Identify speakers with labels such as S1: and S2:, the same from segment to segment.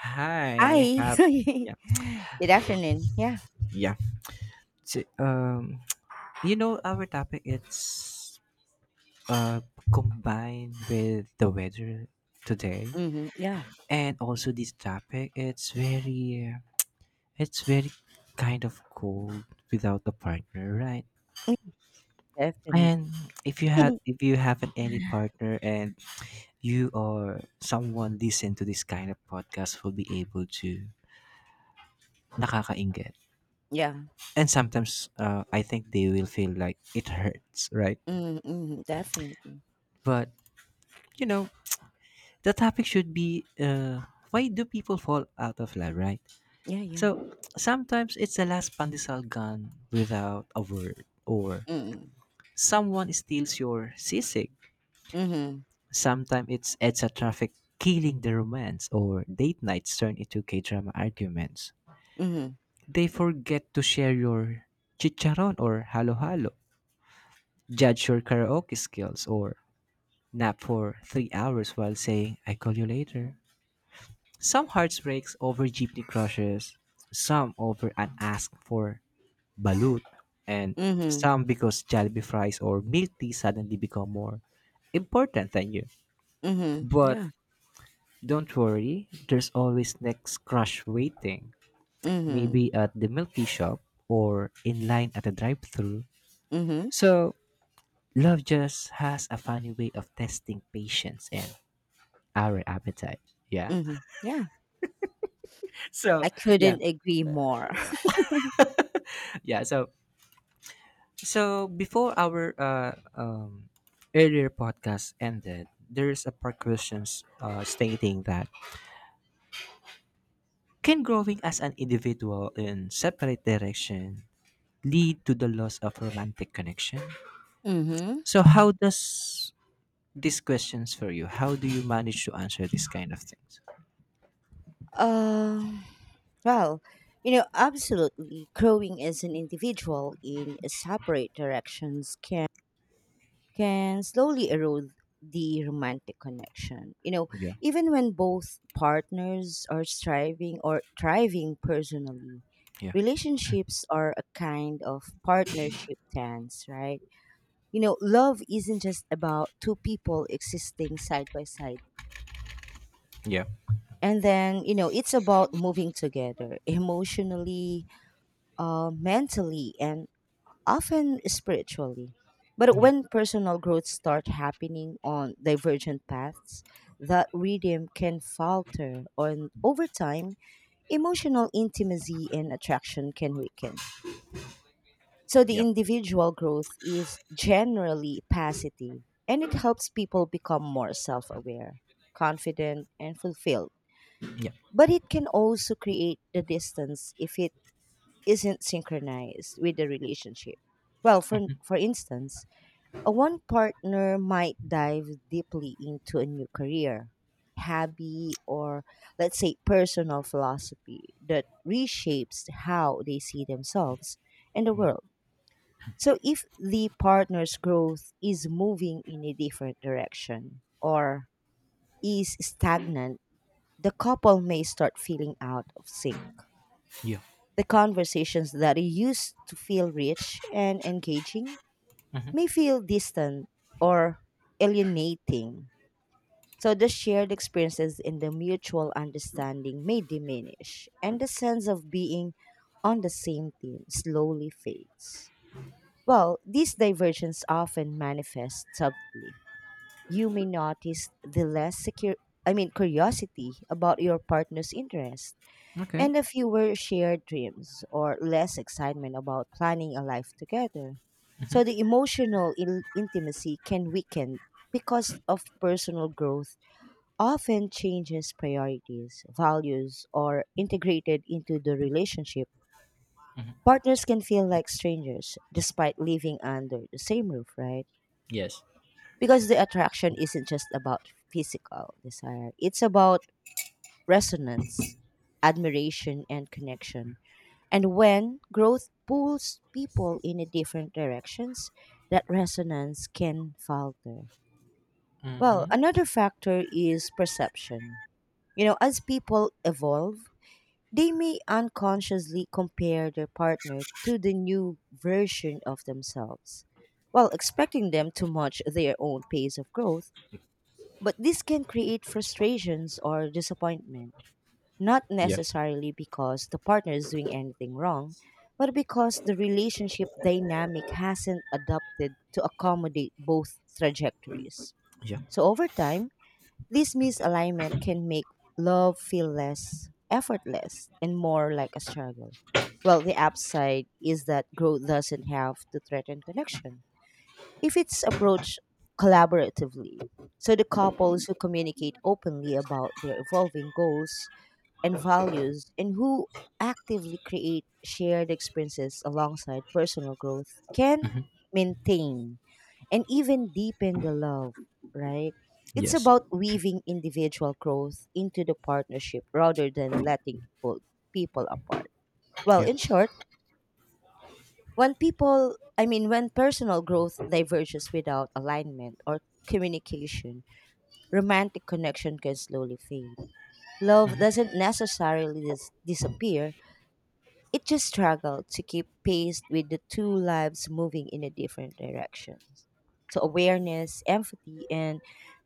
S1: Hi,
S2: Hi.
S1: have yeah,
S2: Good afternoon. Yeah.
S1: yeah. So, you know our topic, it's uh combined with the weather today,
S2: Mhm. Yeah,
S1: and also this topic, it's very kind of cold without a partner, right?
S2: definitely.
S1: And if you haven't any partner, and you or someone listen to this kind of podcast will be able to nakakainget.
S2: Yeah.
S1: And sometimes, I think they will feel like it hurts, right?
S2: Mm, mhm, definitely.
S1: But you know, the topic should be, why do people fall out of love, right?
S2: Yeah, yeah.
S1: So sometimes it's the last pandesal gun without a word, or
S2: Mm.
S1: someone steals your sisig.
S2: Mhm.
S1: Sometimes it's EDSA traffic killing the romance, or date nights turn into K drama arguments.
S2: Mhm.
S1: They forget to share your chicharon or halo halo, judge your karaoke skills, or nap for 3 hours while saying, "I call you later." Some hearts breaks over jeepney crushes, some over unasked for balut, and
S2: Mhm.
S1: some because Jollibee fries or milk tea suddenly become more important than you.
S2: Mhm.
S1: But
S2: Yeah.
S1: don't worry, there's always next crush waiting, maybe
S2: Mhm.
S1: at the milk tea shop or in line at a drive-through.
S2: Mhm.
S1: So love just has a funny way of testing patience and our appetite. Yeah.
S2: Mhm. Yeah.
S1: So,
S2: I
S1: yeah,
S2: couldn't agree more.
S1: yeah. So before our earlier podcast ended, there is a precautions, stating that: can growing as an individual in separate direction lead to the loss of romantic connection?
S2: Mhm.
S1: So how does these questions for you? How do you manage to answer these kind of things?
S2: Um, well, you know, absolutely growing as an individual in separate directions can slowly erode the romantic connection. You know,
S1: Yeah,
S2: even when both partners are striving or thriving personally,
S1: yeah,
S2: relationships are a kind of partnership dance, right? You know, love isn't just about two people existing side by side.
S1: yeah,
S2: And then, you know, it's about moving together emotionally, mentally, and often spiritually. But
S1: yeah,
S2: when personal growth start happening on divergent paths, that rhythm can falter, and over time, emotional intimacy and attraction can weaken. So the
S1: yeah,
S2: individual growth is generally positive, and it helps people become more self-aware, confident, and fulfilled.
S1: yeah,
S2: But it can also create the distance if it isn't synchronized with the relationship. Well, for instance, one partner might dive deeply into a new career, hobby, or let's say personal philosophy that reshapes how they see themselves and the world. So, if the partner's growth is moving in a different direction or is stagnant, the couple may start feeling out of sync.
S1: yeah.
S2: The conversations that used to feel rich and engaging
S1: Hmm.
S2: may feel distant or alienating. So the shared experiences and the mutual understanding may diminish, and the sense of being on the same team slowly fades. Well, these divergences often manifest subtly. You may notice the less secure I mean curiosity about your partner's interest
S1: Okay.
S2: and a fewer shared dreams or less excitement about planning a life together. So the emotional intimacy can weaken because of personal growth often changes priorities, values, or integrated into the relationship. Partners can feel like strangers despite living under the same roof, right?
S1: Yes.
S2: Because the attraction isn't just about physical desire, it's about resonance, admiration, and connection. And when growth pulls people in a different directions, that resonance can falter. Well,
S1: Mm-hmm.
S2: another factor is perception. You know, as people evolve, they may unconsciously compare their partner to the new version of themselves, while expecting them to match their own pace of growth. But this can create frustrations or disappointment not
S1: Yeah.
S2: necessarily because the partner is doing anything wrong, but because the relationship dynamic hasn't adapted to accommodate both trajectories.
S1: Yeah.
S2: So over time, this misalignment can make love feel less effortless and more like a struggle. Well, the upside is that growth doesn't have to threaten connection if it's approached collaboratively. So the couples who communicate openly about their evolving goals and values and who actively create shared experiences alongside personal growth can maintain and even deepen the love, right? It's
S1: Yes.
S2: about weaving individual growth into the partnership rather than letting it pull people apart. Well,
S1: Yeah.
S2: in short, when people, I mean, when personal growth diverges without alignment or communication, romantic connection can slowly fade. Love doesn't necessarily disappear, it just struggled to keep pace with the two lives moving in a different directions. So awareness, empathy, and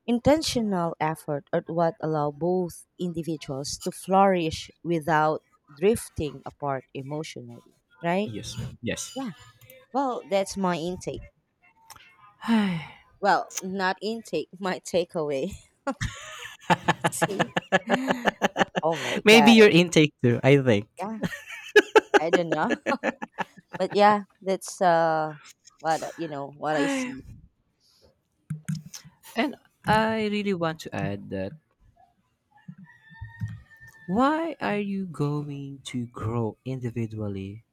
S2: intentional effort are what allow both individuals to flourish without drifting apart emotionally, right?
S1: Yes. Yes.
S2: Yeah. Well, that's my intake. Well, not intake, my takeaway. See? Oh my
S1: Maybe
S2: god.
S1: your intake too, I think.
S2: Yeah, I don't know. But yeah, that's what I see.
S1: And I really want to add that, why are you going to grow individually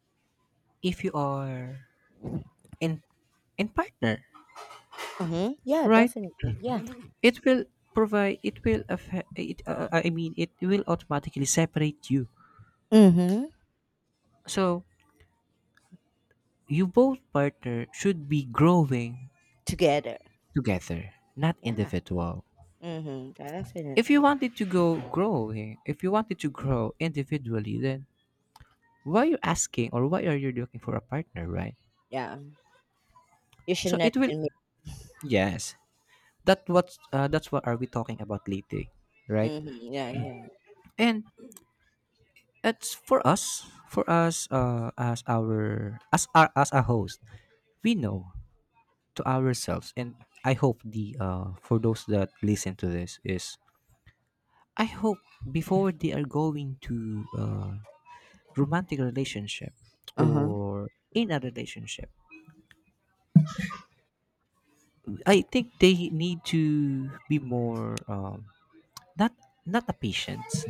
S1: if you are in in partner,
S2: Mhm. Yeah,
S1: right?
S2: definitely. Yeah.
S1: It will affect it, I mean it will automatically separate you.
S2: Mm-hmm.
S1: So you both partner should be growing
S2: Together.
S1: together, not
S2: Yeah.
S1: individual.
S2: Mhm.
S1: If you
S2: Definitely.
S1: wanted to go growing, if you wanted to grow individually, then why you asking, or why are you looking for a partner, right?
S2: Yeah. You should
S1: So,
S2: not
S1: it will
S2: commit.
S1: yes, that's what are we talking about lately, right?
S2: Mhm. Yeah, yeah.
S1: And it's for us, as a host, we know to ourselves, and I hope the, for those that listen to this is, I hope before they are going to, romantic relationship,
S2: Uh-huh.
S1: or in a relationship, I think they need to be more, not a patient.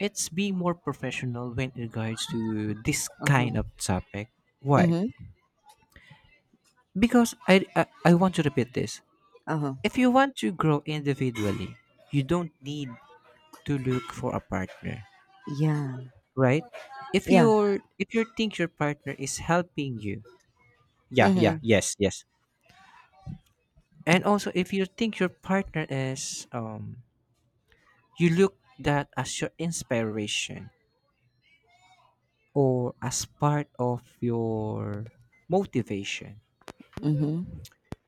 S1: It's being more professional when it regards to this
S2: Uh-huh.
S1: kind of topic. Why?
S2: Mhm.
S1: Because I want to repeat this.
S2: Uh-huh.
S1: If you want to grow individually, you don't need to look for a partner,
S2: Yeah.
S1: right? If
S2: Yeah.
S1: you're if you think your partner is helping you, yeah, yeah,
S2: Mhm.
S1: yes, yes. And also, if you think your partner is, you look that as your inspiration or as part of your motivation,
S2: Mhm.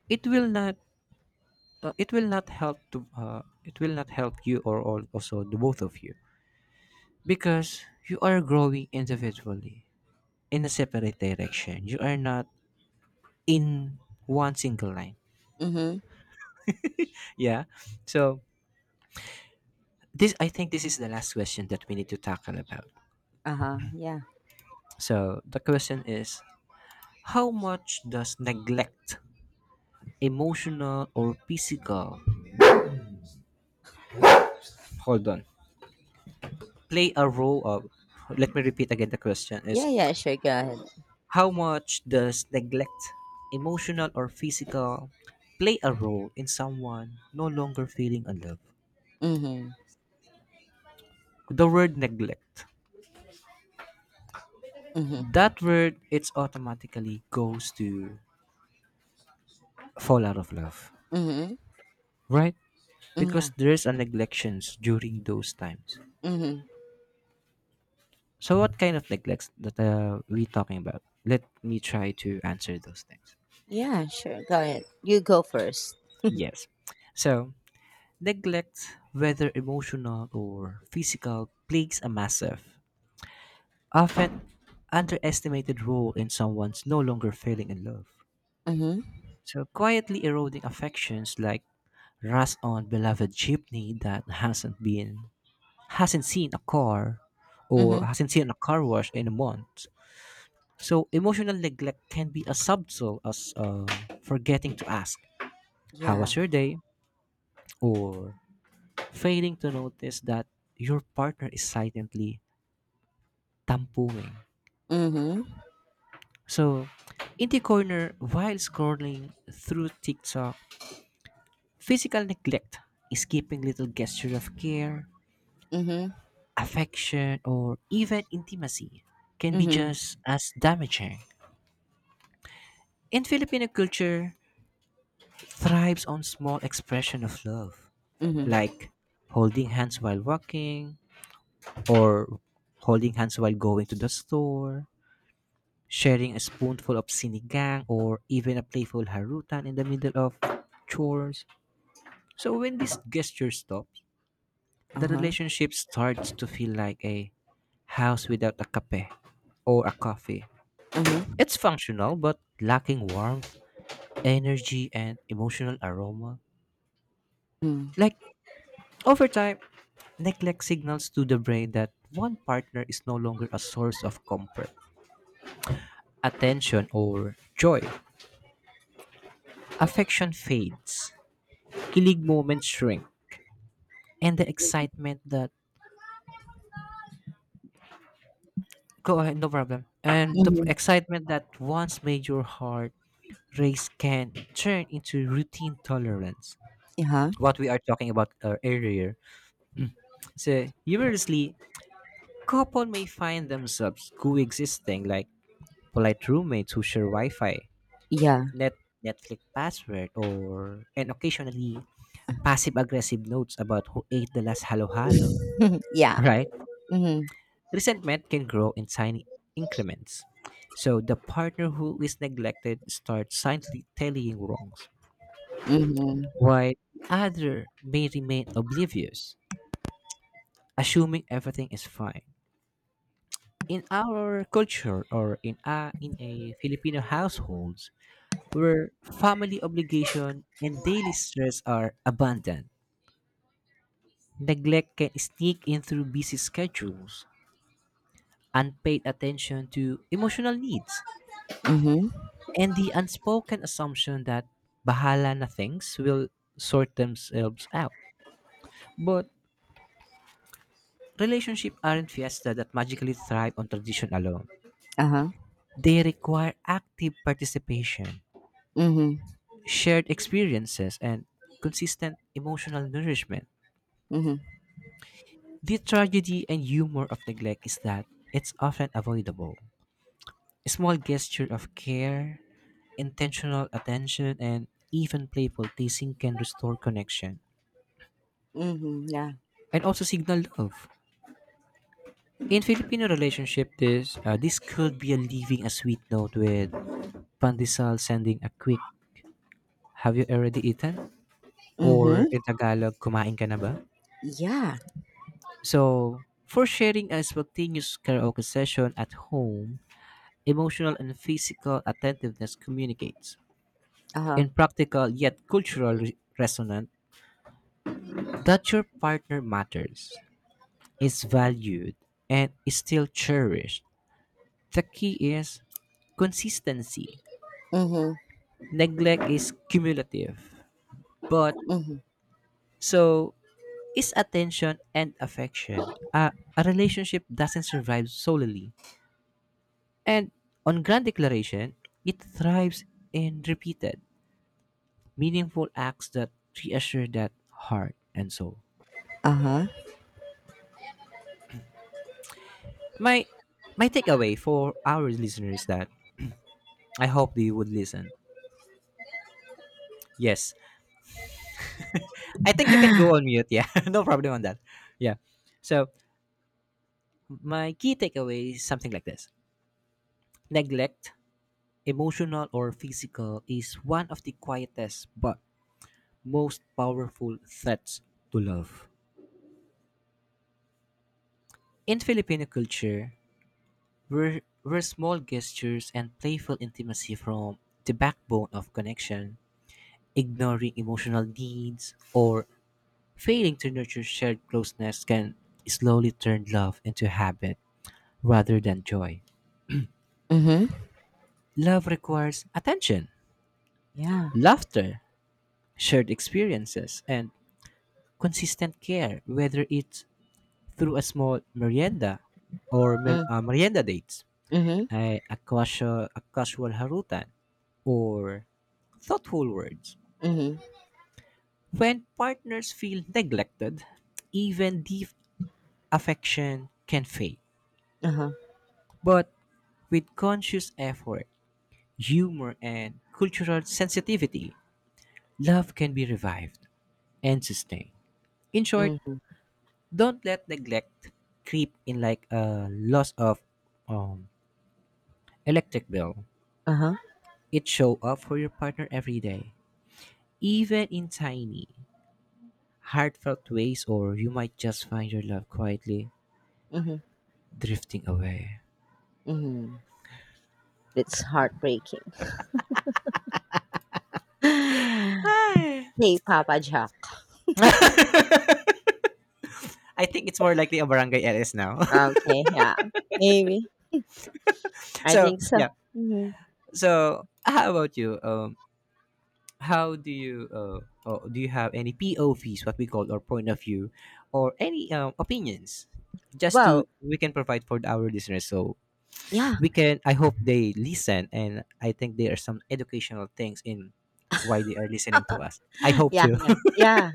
S1: it will not it will not help to it will not help you, or also the both of you, because you are growing individually in a separate direction, you are not in one single line,
S2: Mhm.
S1: yeah. So this, I think this is the last question that we need to tackle about.
S2: Uh-huh. Yeah.
S1: So the question is, how much does neglect, emotional or physical— hold on, play a role of— let me repeat, again the question is,
S2: Yeah, yeah, sure. Go ahead.
S1: how much does neglect, emotional or physical, play a role in someone no longer feeling in love?
S2: Mhm.
S1: The word neglect,
S2: Mhm.
S1: that word, it's automatically goes to fall out of love,
S2: Mhm.
S1: right?
S2: Mm, yeah.
S1: Because there's a neglections during those times.
S2: Mhm.
S1: So what kind of neglects that, we talking about? Let me try to answer those things.
S2: Yeah, sure. Go ahead. You go first.
S1: Yes. So neglect, whether emotional or physical, plagues a massive, often underestimated role in someone's no longer falling in love.
S2: Mhm.
S1: So quietly eroding affections like rust on beloved jeepney that hasn't seen a car, or
S2: Mhm.
S1: hasn't seen a car wash in a month. So emotional neglect can be as subtle as, forgetting to ask how was
S2: Yeah.
S1: your day, or failing to notice that your partner is silently tampuin.
S2: Mhm.
S1: So, in the corner, while scrolling through TikTok, physical neglect, skipping little gesture of care,
S2: Mhm.
S1: affection, or even intimacy, can be
S2: Mhm.
S1: just as damaging. In Filipino culture, thrives on small expression of love,
S2: Mhm.
S1: like holding hands while walking, or holding hands while going to the store, sharing a spoonful of sinigang, or even a playful harutan in the middle of chores. So when this gesture stops, the
S2: Uh-huh.
S1: relationship starts to feel like a house without a cafe or a coffee.
S2: Uh-huh.
S1: It's functional but lacking warmth, energy, and emotional aroma.
S2: Mhm.
S1: Like, over time, neglect signals to the brain that one partner is no longer a source of comfort, attention, or joy. Affection fades, kilig moments shrink, and the excitement that— go ahead, no problem. And the
S2: Mhm.
S1: excitement that once made your heart race can turn into routine tolerance.
S2: Uh-huh.
S1: What we are talking about, earlier. So, universally, couple may find themselves coexisting like polite roommates who share Wi-Fi,
S2: Yeah.
S1: net Netflix password, or and occasionally passive-aggressive notes about who ate the last halo-halo.
S2: yeah.
S1: Right?
S2: Mm-hmm.
S1: Resentment can grow in tiny increments. So the partner who is neglected starts silently tallying wrongs,
S2: Mm-hmm.
S1: while the other may remain oblivious, assuming everything is fine. In our culture, or in a Filipino households, where family obligation and daily stress are abundant, neglect can sneak in through busy schedules, unpaid attention to emotional needs,
S2: Mm-hmm.
S1: and the unspoken assumption that bahala na things will sort themselves out. But relationships aren't fiesta that magically thrive on tradition alone.
S2: Uh-huh.
S1: They require active participation,
S2: Mm-hmm.
S1: shared experiences, and consistent emotional nourishment.
S2: Mm-hmm.
S1: The tragedy and humor of neglect is that it's often avoidable. A small gesture of care, intentional attention, and even playful teasing can restore connection
S2: Mm-hmm. Yeah.
S1: and also signal love. In Filipino relationship, this could be a leaving a sweet note with pandesal, sending a quick, "Have you already eaten?" or
S2: Mm-hmm.
S1: in Tagalog, "Kumain ka na ba?"
S2: Yeah.
S1: So, for sharing a spontaneous karaoke session at home, emotional and physical attentiveness communicates,
S2: Uh-huh.
S1: in practical yet cultural resonance, that your partner matters, is valued, and is still cherished. The key is consistency.
S2: Mm-hmm.
S1: Neglect is cumulative, but
S2: Mm-hmm.
S1: so is attention and affection. A relationship doesn't survive solely, And on grand declaration. It thrives in repeated, meaningful acts that reassure that heart and soul.
S2: Uh-huh.
S1: My my takeaway for our listeners, that I hope they would listen. Yes. I think you can go on mute, yeah. No problem on that. Yeah. So my key takeaway is something like this. Neglect, emotional or physical, is one of the quietest but most powerful threats to love. In Filipino culture, were are small gestures and playful intimacy from the backbone of connection. Ignoring emotional needs or failing to nurture shared closeness can slowly turn love into habit rather than joy.
S2: mm-hmm.
S1: Love requires attention,
S2: Yeah.
S1: laughter, shared experiences, and consistent care, whether it's through a small merienda or mer-
S2: Mm,
S1: uh, merienda dates,
S2: mm-hmm.
S1: a casual harutan, or thoughtful words.
S2: Mm-hmm.
S1: When partners feel neglected, even deep affection can fade.
S2: Uh-huh.
S1: But with conscious effort, humor, and cultural sensitivity, love can be revived and sustained. In short,
S2: Mm-hmm.
S1: don't let neglect creep in like a loss of, um, electric bill.
S2: Uh-huh.
S1: It show up for your partner every day, even in tiny, heartfelt ways, or you might just find your love quietly
S2: Mm-hmm.
S1: drifting away.
S2: Mm-hmm. It's heartbreaking. Hey,
S1: Hi.
S2: Papa Jack.
S1: I think it's more likely a barangay LS now.
S2: Okay, yeah. Maybe. I
S1: So
S2: think so.
S1: yeah.
S2: Hmm.
S1: So how about you? How do you oh, do you have any POVs, what we call, or point of view, or any, opinions? Just to—
S2: Well,
S1: we can provide for our listeners, so
S2: yeah.
S1: we can. I hope they listen, and I think there are some educational things in why they are listening to us. I hope
S2: Yeah,
S1: to.
S2: yeah, yeah.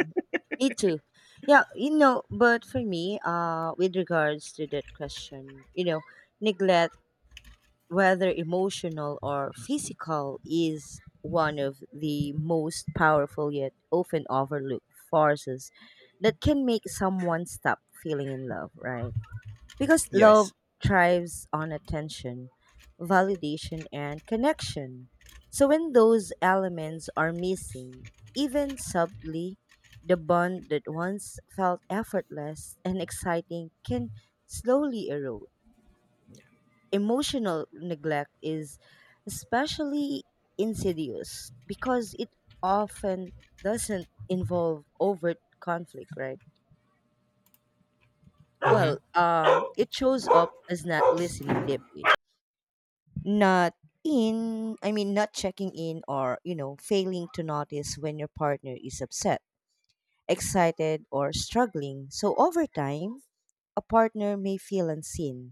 S2: Me too. Yeah, you know, but for me, with regards to that question, you know, neglect, whether emotional or physical, is one of the most powerful yet often overlooked forces that can make someone stop feeling in love, right? Because love
S1: Yes.
S2: thrives on attention, validation, and connection. So when those elements are missing, even subtly, the bond that once felt effortless and exciting can slowly erode. Emotional neglect is especially insidious because it often doesn't involve overt conflict, right?
S1: Hmm.
S2: Well, it shows up as not listening deeply, not in I mean not checking in, or you know, failing to notice when your partner is upset, excited, or struggling. So over time a partner may feel unseen,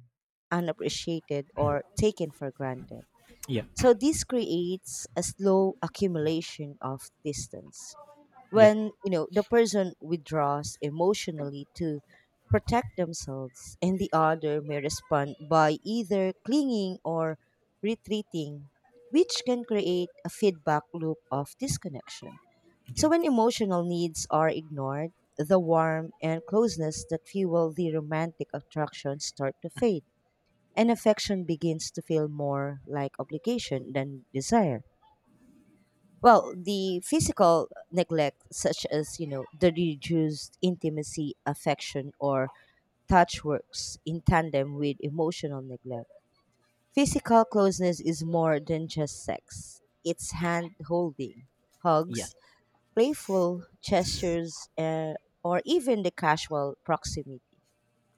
S2: unappreciated, or taken for granted.
S1: Yeah.
S2: So this creates a slow accumulation of distance
S1: Yeah.
S2: when, you know, the person withdraws emotionally to protect themselves and the other may respond by either clinging or retreating, which can create a feedback loop of disconnection.
S1: Yeah.
S2: So when emotional needs are ignored, the warmth and closeness that fuel the romantic attraction start to fade, and affection begins to feel more like obligation than desire. Well, the physical neglect, such as, you know, the reduced intimacy, affection, or touch works in tandem with emotional neglect. Physical closeness is more than just sex, it's hand holding, hugs,
S1: Yes.
S2: playful gestures, or even the casual proximity.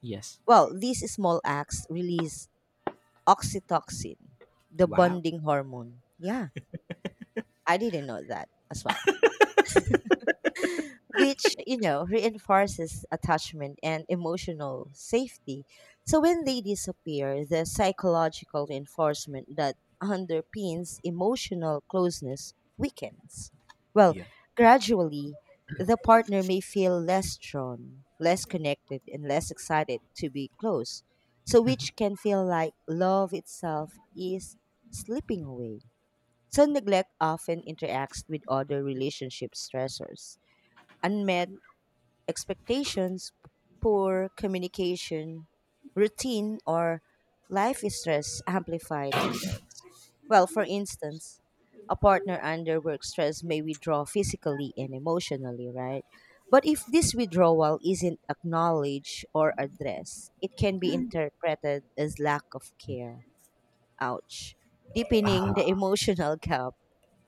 S1: Yes.
S2: Well, these small acts release oxytocin, the
S1: Wow.
S2: bonding hormone. Yeah, I didn't know that as well. Which, you know, reinforces attachment and emotional safety. So when they disappear, the psychological reinforcement that underpins emotional closeness weakens. Well,
S1: Yeah.
S2: gradually, the partner may feel less drawn, less connected, and less excited to be close, so which can feel like love itself is slipping away. So neglect often interacts with other relationship stressors. Unmet expectations, poor communication, routine, or life stress amplify the effects. Well, for instance, a partner under work stress may withdraw physically and emotionally, right? But if this withdrawal isn't acknowledged or addressed, it can be interpreted as lack of care. Ouch. Deepening the emotional gap.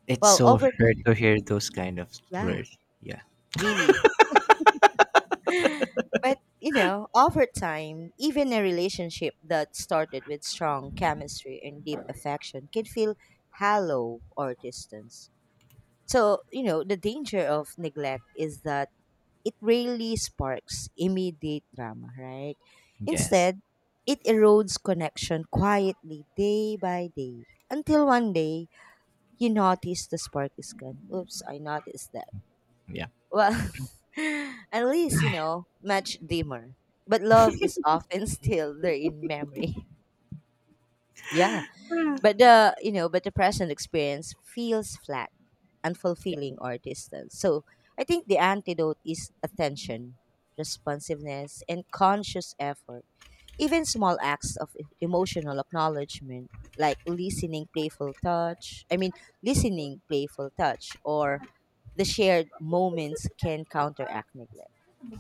S1: It's
S2: Well,
S1: so
S2: over
S1: hard
S2: time,
S1: to hear those kind of
S2: yeah,
S1: words. Yeah.
S2: really. But, you know, over time, even a relationship that started with strong chemistry and deep affection can feel hollow or distant. So, you know, the danger of neglect is that it rarely sparks immediate drama, right?
S1: Yes.
S2: Instead, it erodes connection quietly day by day until one day you notice the spark is gone. Oops, I noticed that.
S1: Yeah.
S2: Well, at least, you know, much dimmer. But love is often still there in memory. Yeah. But the, you know, but the present experience feels flat,
S1: Yeah.
S2: unfulfilling, or distant. So I think the antidote is attention, responsiveness, and conscious effort. Even small acts of emotional acknowledgement, like listening playful touch. I mean, listening playful touch or the shared moments can counteract neglect.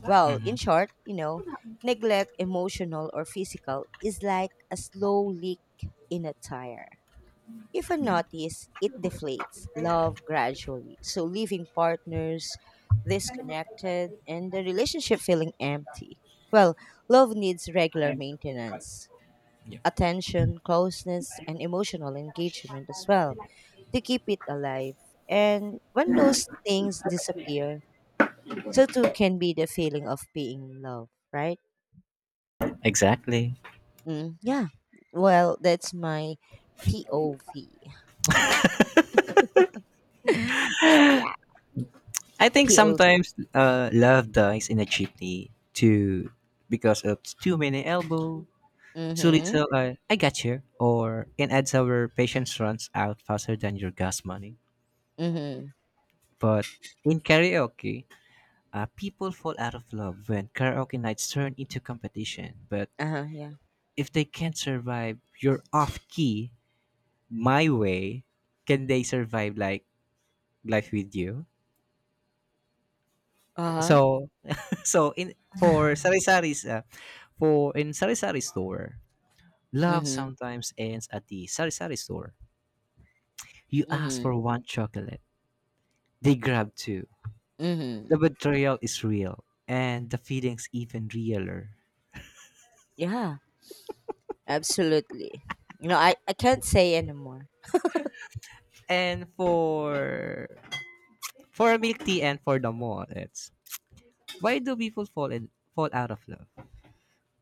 S2: Well,
S1: Hmm.
S2: in short, you know, neglect, emotional or physical, is like a slow leak in a tire. If unnoticed, it deflates love gradually. So, leaving partners disconnected and the relationship feeling empty. Well, love needs regular maintenance,
S1: Yeah.
S2: attention, closeness, and emotional engagement as well to keep it alive. And when those things disappear, so too can be the feeling of being loved, right?
S1: Exactly.
S2: Mm, yeah. Well, that's my POV. Yeah,
S1: I think
S2: POV.
S1: sometimes, love dies in a chimney too, because of too many elbow, too
S2: Mhm.
S1: little, I got you, or in ads our patience runs out faster than your gas money.
S2: Mhm.
S1: But in karaoke, people fall out of love when karaoke nights turn into competition. But
S2: Uh-huh, yeah.
S1: if they can't survive your off key my way, can they survive like life with you?
S2: Uh-huh.
S1: So, so in, for sari-sari's, for in sari-sari store, love
S2: Mhm.
S1: sometimes ends at the sari-sari store. You ask for
S2: Mhm.
S1: one chocolate, they grab two. The
S2: Mhm.
S1: betrayal is real, and the feelings even realer.
S2: Yeah, absolutely. You know, I can't say anymore.
S1: And for milk tea and for the mall, it's: why do people fall out of love?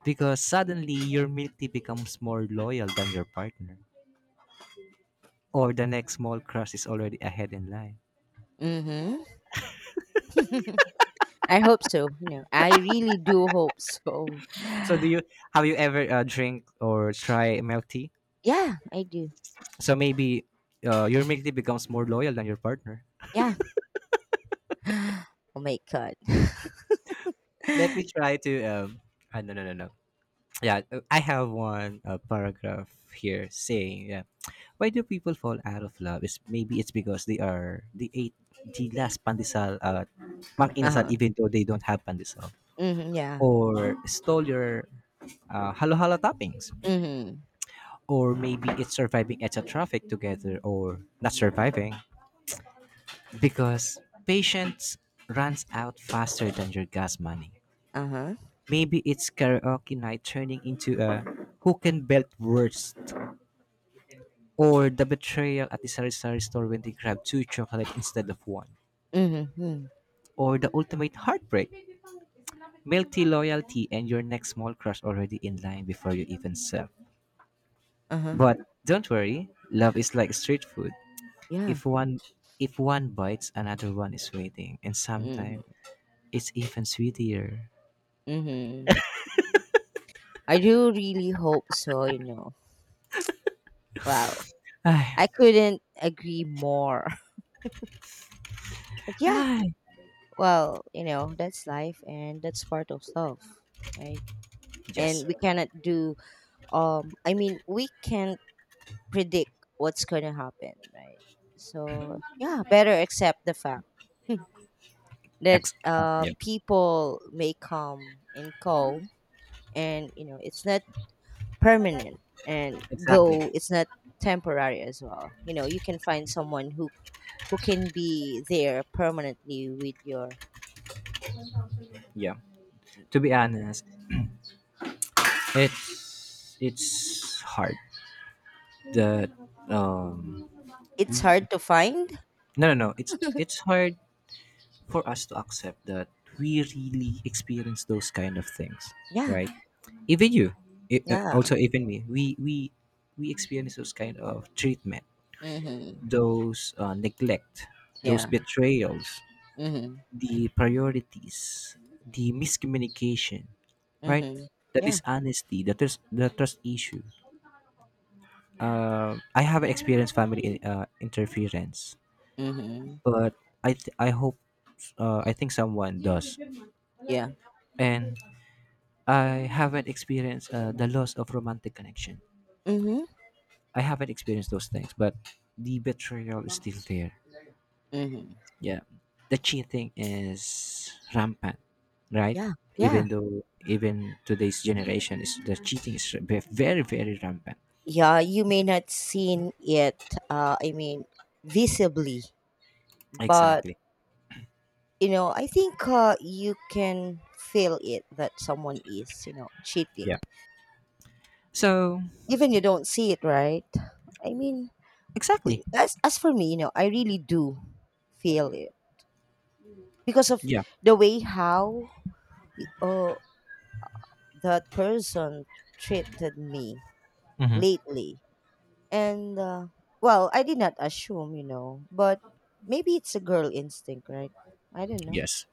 S1: Because suddenly your milk tea becomes more loyal than your partner, or the next small crush is already ahead in line.
S2: Mhm. I hope so. You know, I really do hope so.
S1: So, do you have you ever, drink or try milk tea?
S2: Yeah, I do.
S1: So maybe your milk tea becomes more loyal than your partner.
S2: Yeah. Oh my god.
S1: Let me try to no no no no. Yeah, I have one paragraph here saying yeah, why do people fall out of love? Is maybe it's because they ate the last pandesal mang inasal
S2: uh-huh.
S1: even though they don't have pandesal,
S2: Mhm. Yeah.
S1: or stole your halo halo toppings,
S2: Mhm.
S1: or maybe it's surviving at a traffic together or not surviving because patience runs out faster than your gas money.
S2: Uh-huh.
S1: Maybe it's karaoke night turning into a who can belt worst, or the betrayal at the sari-sari store when they grab two chocolate instead of one,
S2: Mhm. Mhm,
S1: or the ultimate heartbreak, melty loyalty and your next small crush already in line before you even serve.
S2: uh-huh.
S1: But don't worry, love is like street food.
S2: Yeah.
S1: If one if one bites, another one is waiting, and
S2: Mhm.
S1: sometimes it's even sweeter.
S2: Mhm. I do really hope so, you know. Well,
S1: Ay,
S2: I couldn't agree more. But yeah,
S1: ay.
S2: well, you know, that's life and that's part of love, right?
S1: Yes.
S2: And we cannot do I mean, we can't predict what's going to happen, right? So, yeah, better accept the fact that
S1: Yeah.
S2: people may come and go, and you know, it's not permanent, and
S1: Exactly.
S2: though it's not temporary as well, you know, you can find someone who can be there permanently with your,
S1: Yeah. To be honest, it's hard that um
S2: it's
S1: we
S2: hard to find.
S1: no no no, it's hard for us to accept that we really experience those kind of things,
S2: Yeah.
S1: right? Even you,
S2: Yeah.
S1: also even me, we experience those kind of treatment,
S2: Mm-hmm.
S1: those neglect, those
S2: Yeah.
S1: betrayals,
S2: Mm-hmm.
S1: the priorities, the miscommunication, right?
S2: Mm-hmm.
S1: That
S2: Yeah.
S1: is honesty, that is the trust issue. I haven't experienced family interference,
S2: Mm-hmm.
S1: but I hope I think someone does,
S2: Yeah.
S1: and I haven't experienced the loss of romantic connection.
S2: Mm-hmm.
S1: I haven't experienced those things, but the betrayal is still there.
S2: Mm-hmm.
S1: Yeah, the cheating is rampant, right?
S2: Yeah,
S1: Even
S2: yeah.
S1: though, even today's generation is, the cheating is very rampant.
S2: Yeah, you may not seen it, I mean, visibly, but
S1: Exactly.
S2: you know, I think you can feel it that someone is, you know, cheating
S1: Yeah. So
S2: even you don't see it, right? I mean, i-
S1: exactly.
S2: as as for me, you know, I really do feel it because of
S1: Yeah.
S2: the way how uh, that person treated me
S1: Hmm.
S2: lately, and well, I did not assume, you know, but maybe it's a girl instinct, right? I don't know.
S1: Yes.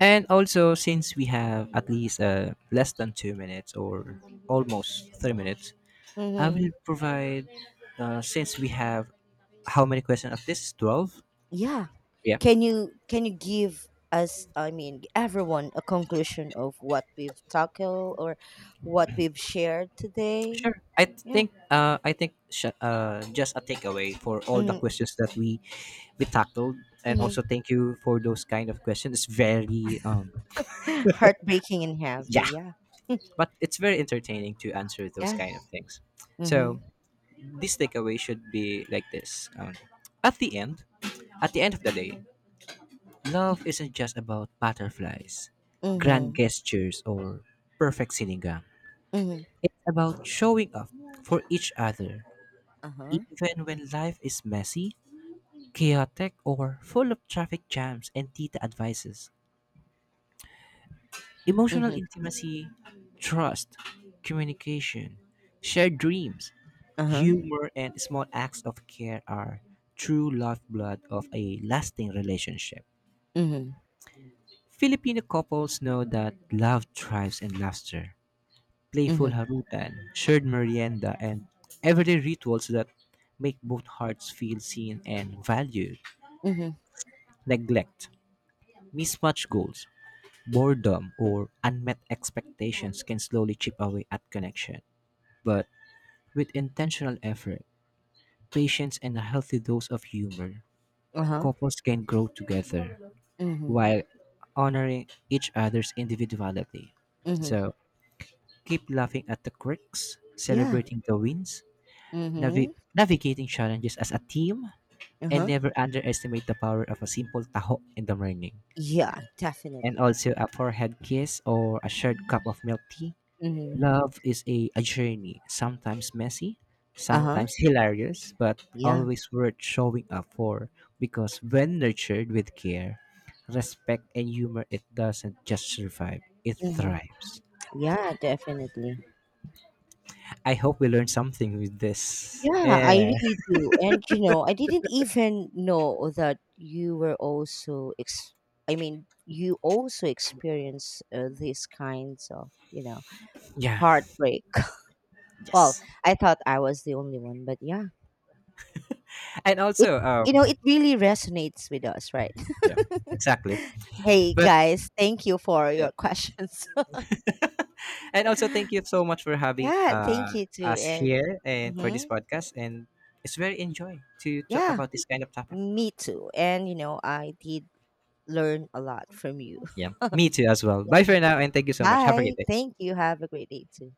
S1: And also, since we have at least less than 2 minutes or almost 3 minutes, I
S2: Mm-hmm.
S1: will provide. Since we have how many questions of this? 12.
S2: Yeah.
S1: Yeah.
S2: Can you give us, I mean, everyone, a conclusion of what we've tackled or what we've shared today?
S1: Sure.
S2: Yeah.
S1: I think just a takeaway for all the
S2: Mhm,
S1: questions that we tackled, and also
S2: mhm.
S1: thank you for those kind of questions. It's very
S2: Heartbreaking and
S1: yeah,
S2: heavy, yeah.
S1: but it's very entertaining to answer those
S2: Yeah.
S1: kind of things. So
S2: Mhm,
S1: this takeaway should be like this: at the end, at the end of the day, love isn't just about butterflies, grand
S2: mhm,
S1: gestures, or perfect sinigang.
S2: mhm.
S1: It's about showing up for each other,
S2: Uh-huh.
S1: even when life is messy, chaotic, or full of traffic jams and tita advices. Emotional
S2: Mhm,
S1: intimacy, trust, communication, shared dreams,
S2: uh-huh.
S1: humor, and small acts of care are true lifeblood of a lasting relationship.
S2: Mhm,
S1: Filipino couples know that love thrives in laughter, playful
S2: mhm,
S1: harutan, shared merienda, and everyday rituals that make both hearts feel seen and valued.
S2: mhm.
S1: Neglect, mismatched goals, boredom or unmet expectations can slowly chip away at connection, but with intentional effort, patience, and a healthy dose of humor,
S2: Uh-huh.
S1: couples can grow together
S2: Mhm,
S1: while honoring each other's individuality.
S2: mhm.
S1: So keep laughing at the quirks,
S2: Yeah.
S1: celebrating the wins,
S2: Mhm.
S1: navigating challenges as a team, and
S2: Uh-huh.
S1: never underestimate the power of a simple taho in the morning.
S2: Yeah,
S1: And
S2: definitely.
S1: also a forehead kiss or a shared cup of milk tea.
S2: Mhm.
S1: Love is a journey, sometimes messy,
S2: Uh-huh.
S1: sometimes hilarious, but
S2: Yeah.
S1: always worth showing up for, because when nurtured with care, respect, and humor, it doesn't just survive, it
S2: Mhm.
S1: thrives.
S2: Yeah, definitely.
S1: I hope we learned something with this.
S2: Yeah, I
S1: Yeah.
S2: really do. And you know, I didn't even know that you were also ex I mean, you also experience these kinds of, you know,
S1: Yeah.
S2: heartbreak. Well,
S1: Yes.
S2: I thought I was the only one, but yeah.
S1: And
S2: It,
S1: also,
S2: you know, it really resonates with us, right?
S1: yeah, exactly.
S2: Hey
S1: But
S2: guys, thank you for
S1: yeah.
S2: your questions.
S1: And also,
S2: Yeah,
S1: thank you so much for having
S2: thank you too
S1: us
S2: and
S1: here and for this
S2: mhm.
S1: podcast. And it's very enjoy to talk
S2: Yeah,
S1: about this kind of topic.
S2: me too. And you know, I did learn a lot from you.
S1: Yeah, me too as well. Bye
S2: Yeah.
S1: for now and thank you so much. Have a
S2: Bye.
S1: great day.
S2: Thank you. Have a great day too.